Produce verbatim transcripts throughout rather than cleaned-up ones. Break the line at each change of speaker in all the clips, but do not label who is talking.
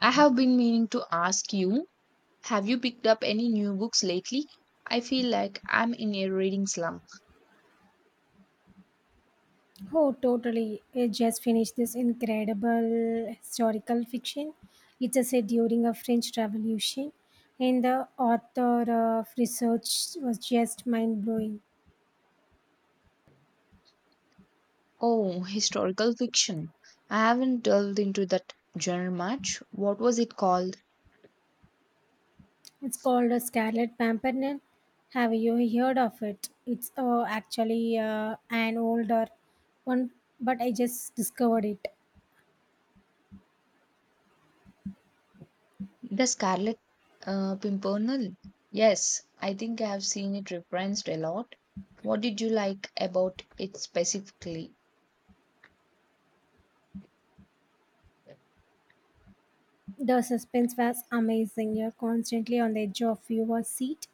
I have been meaning to ask you, have you picked up any new books lately? I feel like I'm in a reading slump.
Oh, totally. I just finished this incredible historical fiction. It's a set during a French Revolution, and the author of research was just mind blowing.
Oh, historical fiction. I haven't delved into that genre much. What was it called?
It's called a Scarlet Pimpernel. Have you heard of it? It's uh, actually uh, an older one, but I just discovered it.
The Scarlet uh, Pimpernel. Yes, I think I have seen it referenced a lot. What did you like about it specifically?
The suspense was amazing. You're constantly on the edge of your seat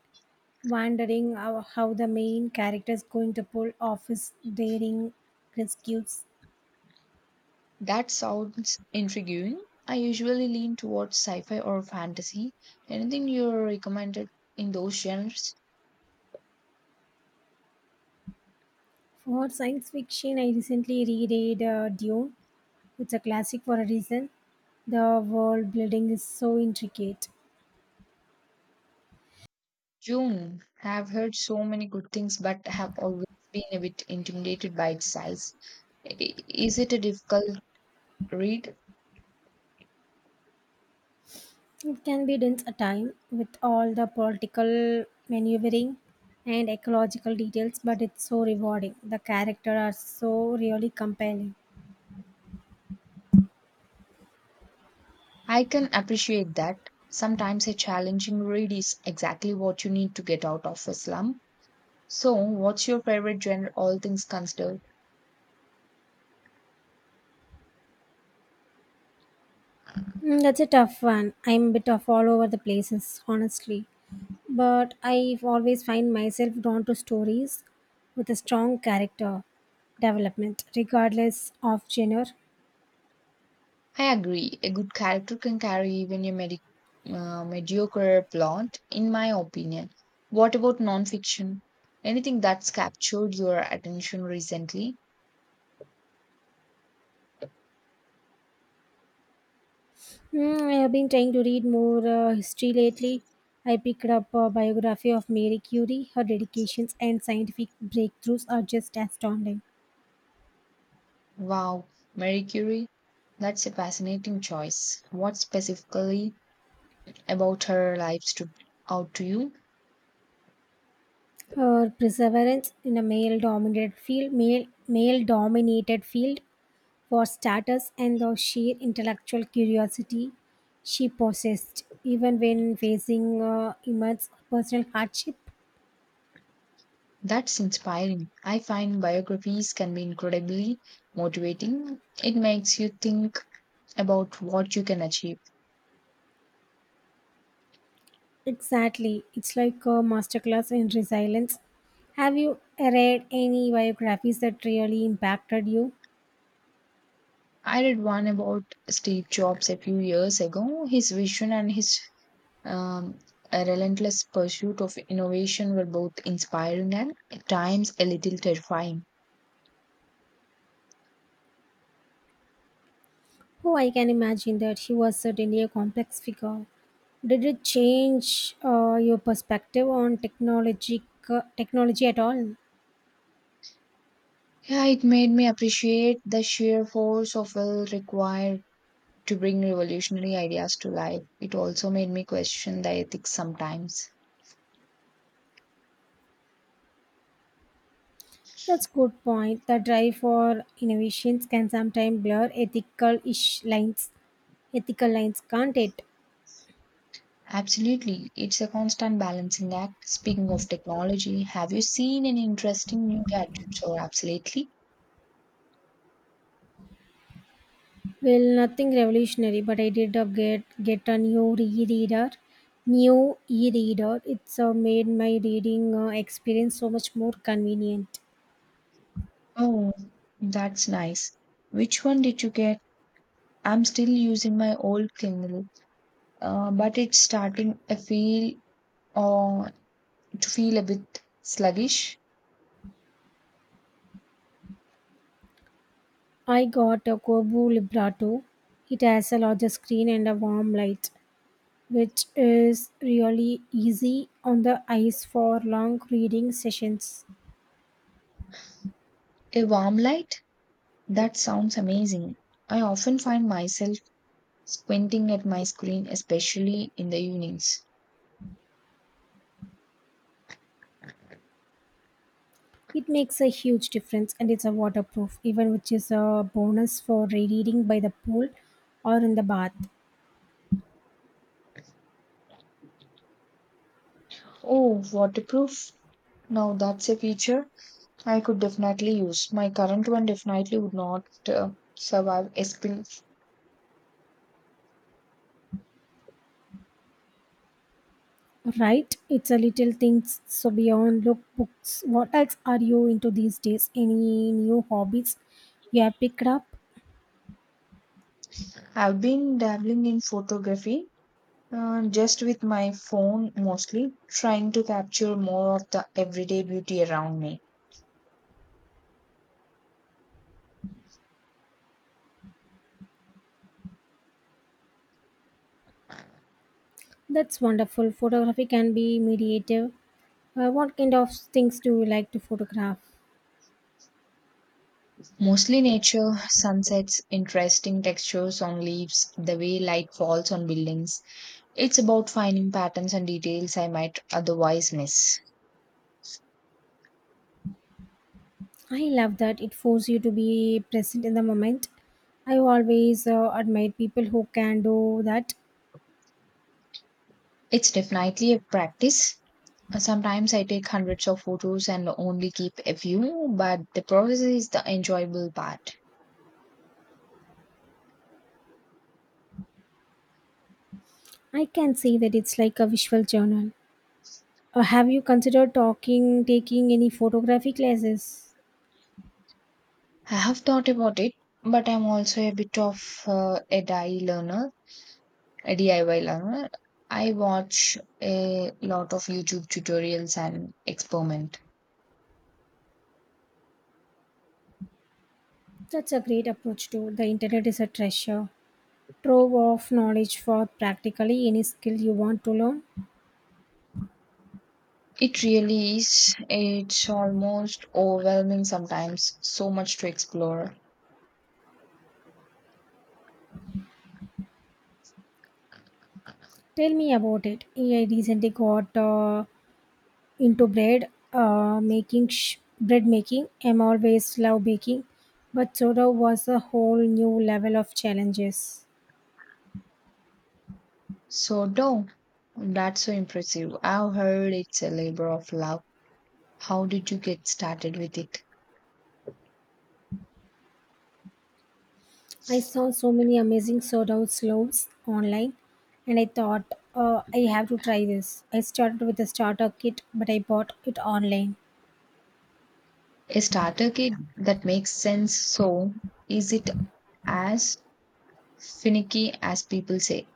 wondering how, how the main character is going to pull off his daring rescues.
That sounds intriguing. I usually lean towards sci fi or fantasy. Anything you recommended in those genres?
For science fiction, I recently reread uh, Dune. It's a classic for a reason. The world building is so intricate.
June. Have heard so many good things, but have always been a bit intimidated by its size. I- Is it a difficult read?
It can be dense at time with all the political maneuvering and ecological details, but it's so rewarding. The characters are so really compelling.
I can appreciate that. Sometimes a challenging read is exactly what you need to get out of a slump. So, what's your favorite genre, all things considered?
Mm, That's a tough one. I'm a bit of all over the places, honestly. But I always find myself drawn to stories with a strong character development, regardless of genre.
I agree. A good character can carry even a medi- uh, mediocre plot, in my opinion. What about nonfiction? Anything that's captured your attention recently?
Mm, I have been trying to read more uh, history lately. I picked up a biography of Mary Curie. Her dedications and scientific breakthroughs are just astounding.
Wow, Mary Curie? That's a fascinating choice. What specifically about her life stood out to you?
Her perseverance in a male-dominated field, male, male-dominated field for status and the sheer intellectual curiosity she possessed, even when facing uh, immense personal hardship.
That's inspiring. I find biographies can be incredibly motivating. It makes you think about what you can achieve.
Exactly, it's like a masterclass in resilience. Have you read any biographies that really impacted you?
I read one about Steve Jobs a few years ago. His vision and his um, relentless pursuit of innovation were both inspiring and at times a little terrifying.
Oh, I can imagine that she was certainly a complex figure. Did it change uh, your perspective on technology, technology at all?
Yeah, it made me appreciate the sheer force of will required to bring revolutionary ideas to life. It also made me question the ethics sometimes.
That's good point. The drive for innovations can sometimes blur ethical ish lines. Ethical lines, can't it?
Absolutely. It's a constant balancing act. Speaking of technology, have you seen any interesting new gadgets or apps lately?
Well, nothing revolutionary, but I did up get get a new reader, new e-reader. It's uh, made my reading uh, experience so much more convenient.
Oh, that's nice. Which one did you get? I'm still using my old Kindle, uh, but it's starting a feel or to feel a bit sluggish.
I got a Kobo Librato. It has a larger screen and a warm light, which is really easy on the eyes for long reading sessions.
A warm light? That sounds amazing. I often find myself squinting at my screen, especially in the evenings.
It makes a huge difference and it's a waterproof even which is a bonus for reading by the pool or in the bath.
Oh, waterproof? Now that's a feature. I could definitely use. My current one definitely would not uh, survive escape.
Right? It's a little things so beyond look books. What else are you into these days? Any new hobbies you have picked up?
I've been dabbling in photography uh, just with my phone mostly, trying to capture more of the everyday beauty around me.
That's wonderful. Photography can be mediative. Uh, what kind of things do you like to photograph?
Mostly nature, sunsets, interesting textures on leaves, the way light falls on buildings. It's about finding patterns and details I might otherwise miss.
I love that it forces you to be present in the moment. I always uh, admire people who can do that.
It's definitely a practice, sometimes I take hundreds of photos and only keep a few, but the process is the enjoyable part.
I can say that it's like a visual journal. Uh, have you considered talking, taking any photography classes?
I have thought about it, but I'm also a bit of uh, a D I Y learner, a DIY learner. I watch a lot of YouTube tutorials and experiment.
That's a great approach too. The internet is a treasure trove of knowledge for practically any skill you want to learn.
It really is. It's almost overwhelming sometimes, so much to explore.
Tell me about it. I recently got uh, into bread uh, making, sh- bread making. I'm always love baking, but soda was a whole new level of challenges.
So, no, that's so impressive. I've heard it's a labor of love. How did you get started with it?
I saw so many amazing sold out loaves online and I thought, uh, I have to try this. I started with a starter kit, but I bought it online.
A starter kit that makes sense. So, is it as finicky as people say?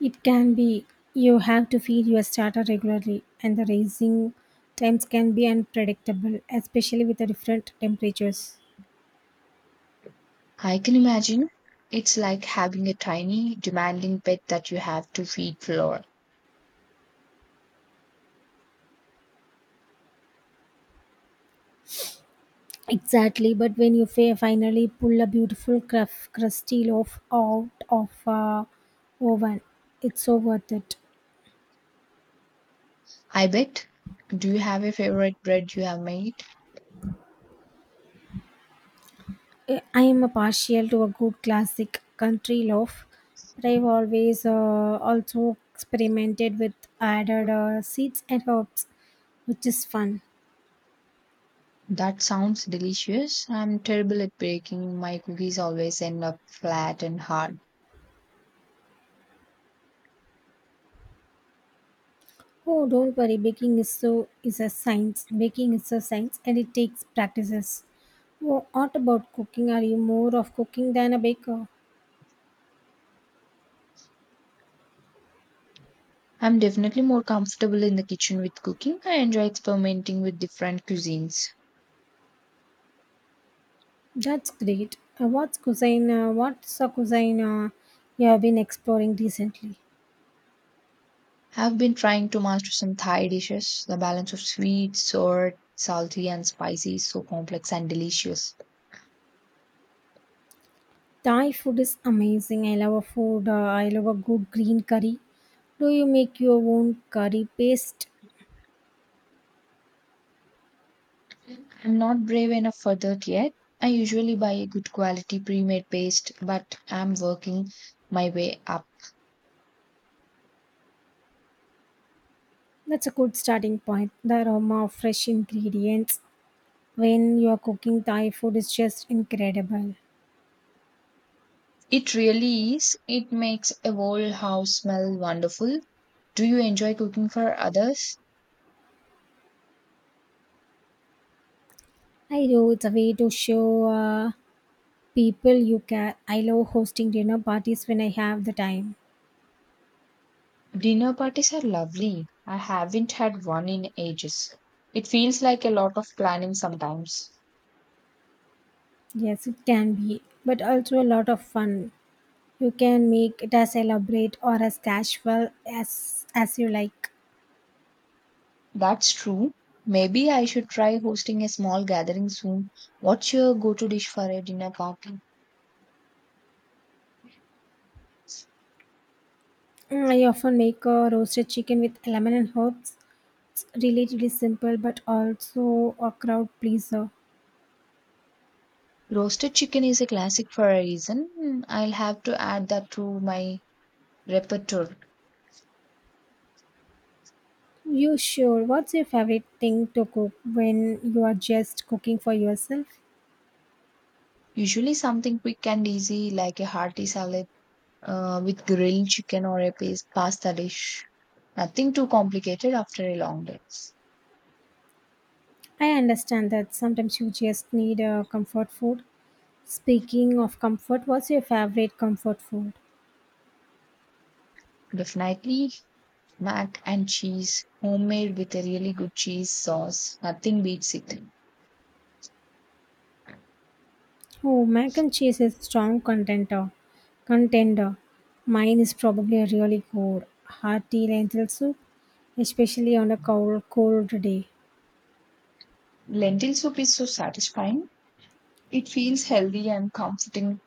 It can be you have to feed your starter regularly, and the raising times can be unpredictable, especially with the different temperatures.
I can imagine. It's like having a tiny, demanding pet that you have to feed floor.
Exactly, but when you fa- finally pull a beautiful cruf- crusty loaf out of uh, oven, it's so worth it.
I bet. Do you have a favorite bread you have made?
Eh, I am a partial to a good classic country loaf, but I've always uh, also experimented with added uh, seeds and herbs, which is fun.
That sounds delicious. I'm terrible at baking. My cookies always end up flat and hard.
Oh, don't worry, baking is so is a science. Baking is a science, and it takes practices. Oh, what about cooking? Are you more of cooking than a baker?
I'm definitely more comfortable in the kitchen with cooking. I enjoy experimenting with different cuisines.
That's great. Uh, what's cuisine? Uh, what's a cuisine uh, you have been exploring recently?
I've been trying to master some Thai dishes. The balance of sweet, sour, salty, and spicy is so complex and delicious.
Thai food is amazing. I love a food. Uh, I love a good green curry. Do you make your own curry paste?
I'm not brave enough for that yet. I usually buy a good quality pre made paste, but I'm working my way up.
That's a good starting point. The aroma of fresh ingredients when you are cooking Thai food is just incredible.
It really is. It makes a whole house smell wonderful. Do you enjoy cooking for others?
I do. It's a way to show uh, people you care. I love hosting dinner parties when I have the time.
Dinner parties are lovely. I haven't had one in ages. It feels like a lot of planning sometimes.
Yes, it can be, but also a lot of fun. You can make it as elaborate or as casual as as you like.
That's true. Maybe I should try hosting a small gathering soon. What's your go to dish for a dinner party?
Mm, I often make a roasted chicken with lemon and herbs. It's relatively simple, but also a crowd pleaser.
Roasted chicken is a classic for a reason. Hmm, I'll have to add that to my repertoire.
You sure? What's your favorite thing to cook when you are just cooking for yourself?
Usually, something quick and easy like a hearty salad uh, with grilled chicken or a pas- pasta dish. Nothing too complicated after a long day.
I understand that sometimes you just need a comfort food. Speaking of comfort, what's your favorite comfort food?
Definitely mac and cheese, homemade with a really good cheese sauce. Nothing beats it.
Oh, mac and cheese is strong contender. Contender. Mine is probably a really good hearty lentil soup, especially on a cold, cold day.
Lentil soup is so satisfying. It feels healthy and comforting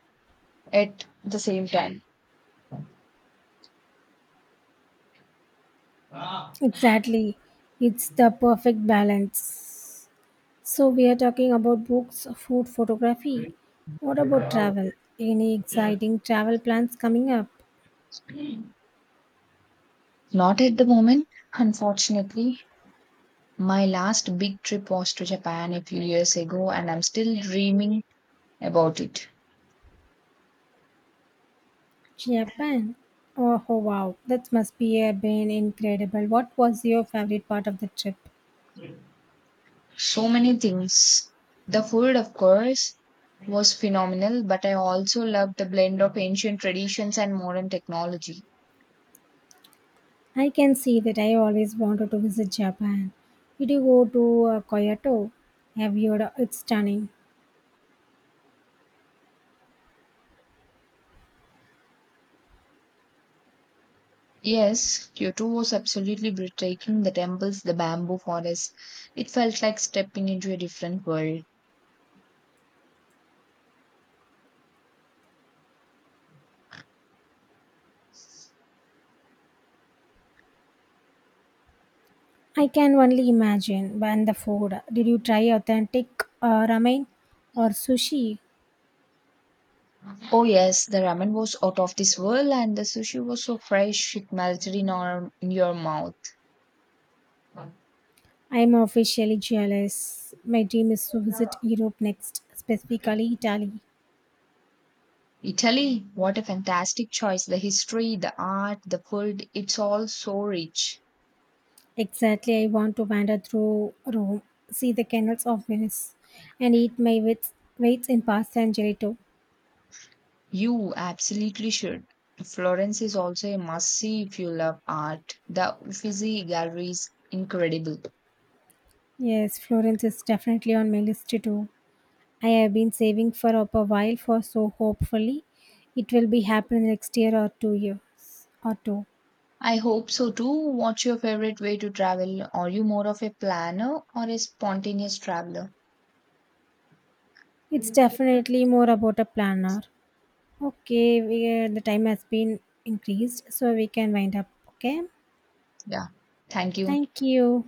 at the same time. Not
Exactly. It's the perfect balance. So, we are talking about books, food, photography. What about travel? Any exciting travel plans coming up?
at the moment, unfortunately. My last big trip was to Japan a few years ago, and I'm still dreaming about it.
Japan? Oh, oh, wow. That must be a been incredible. What was your favorite part of the trip?
So many things. The food, of course, was phenomenal, but I also loved the blend of ancient traditions and modern technology.
I can see that I always wanted to visit Japan. Did you go to uh, Kyoto? Have you heard? It's stunning.
Yes, Kyoto was absolutely breathtaking. The temples, the bamboo forest. It felt like stepping into a different world.
I can only imagine. And the food. Did you try authentic uh, ramen or sushi?
Oh yes, the ramen was out of this world and the sushi was so fresh it melted in, our, in your mouth.
I'm officially jealous. My dream is to visit Europe next, specifically Italy.
Italy, what a fantastic choice. The history, the art, the food, it's all so rich.
Exactly, I want to wander through Rome, see the canals of Venice, and eat my wits- weights in pasta and gelato.
You absolutely should. Florence is also a must see if you love art. The Uffizi Gallery is incredible.
Yes, Florence is definitely on my list to do. I have been saving for up a while for so hopefully it will be happen next year or two years or two.
I hope so too. What's your favorite way to travel? Are you more of a planner or a spontaneous traveler?
It's definitely more about a planner. Okay, we, the time has been increased, so we can wind up. Okay,
Yeah, thank you.
thank you.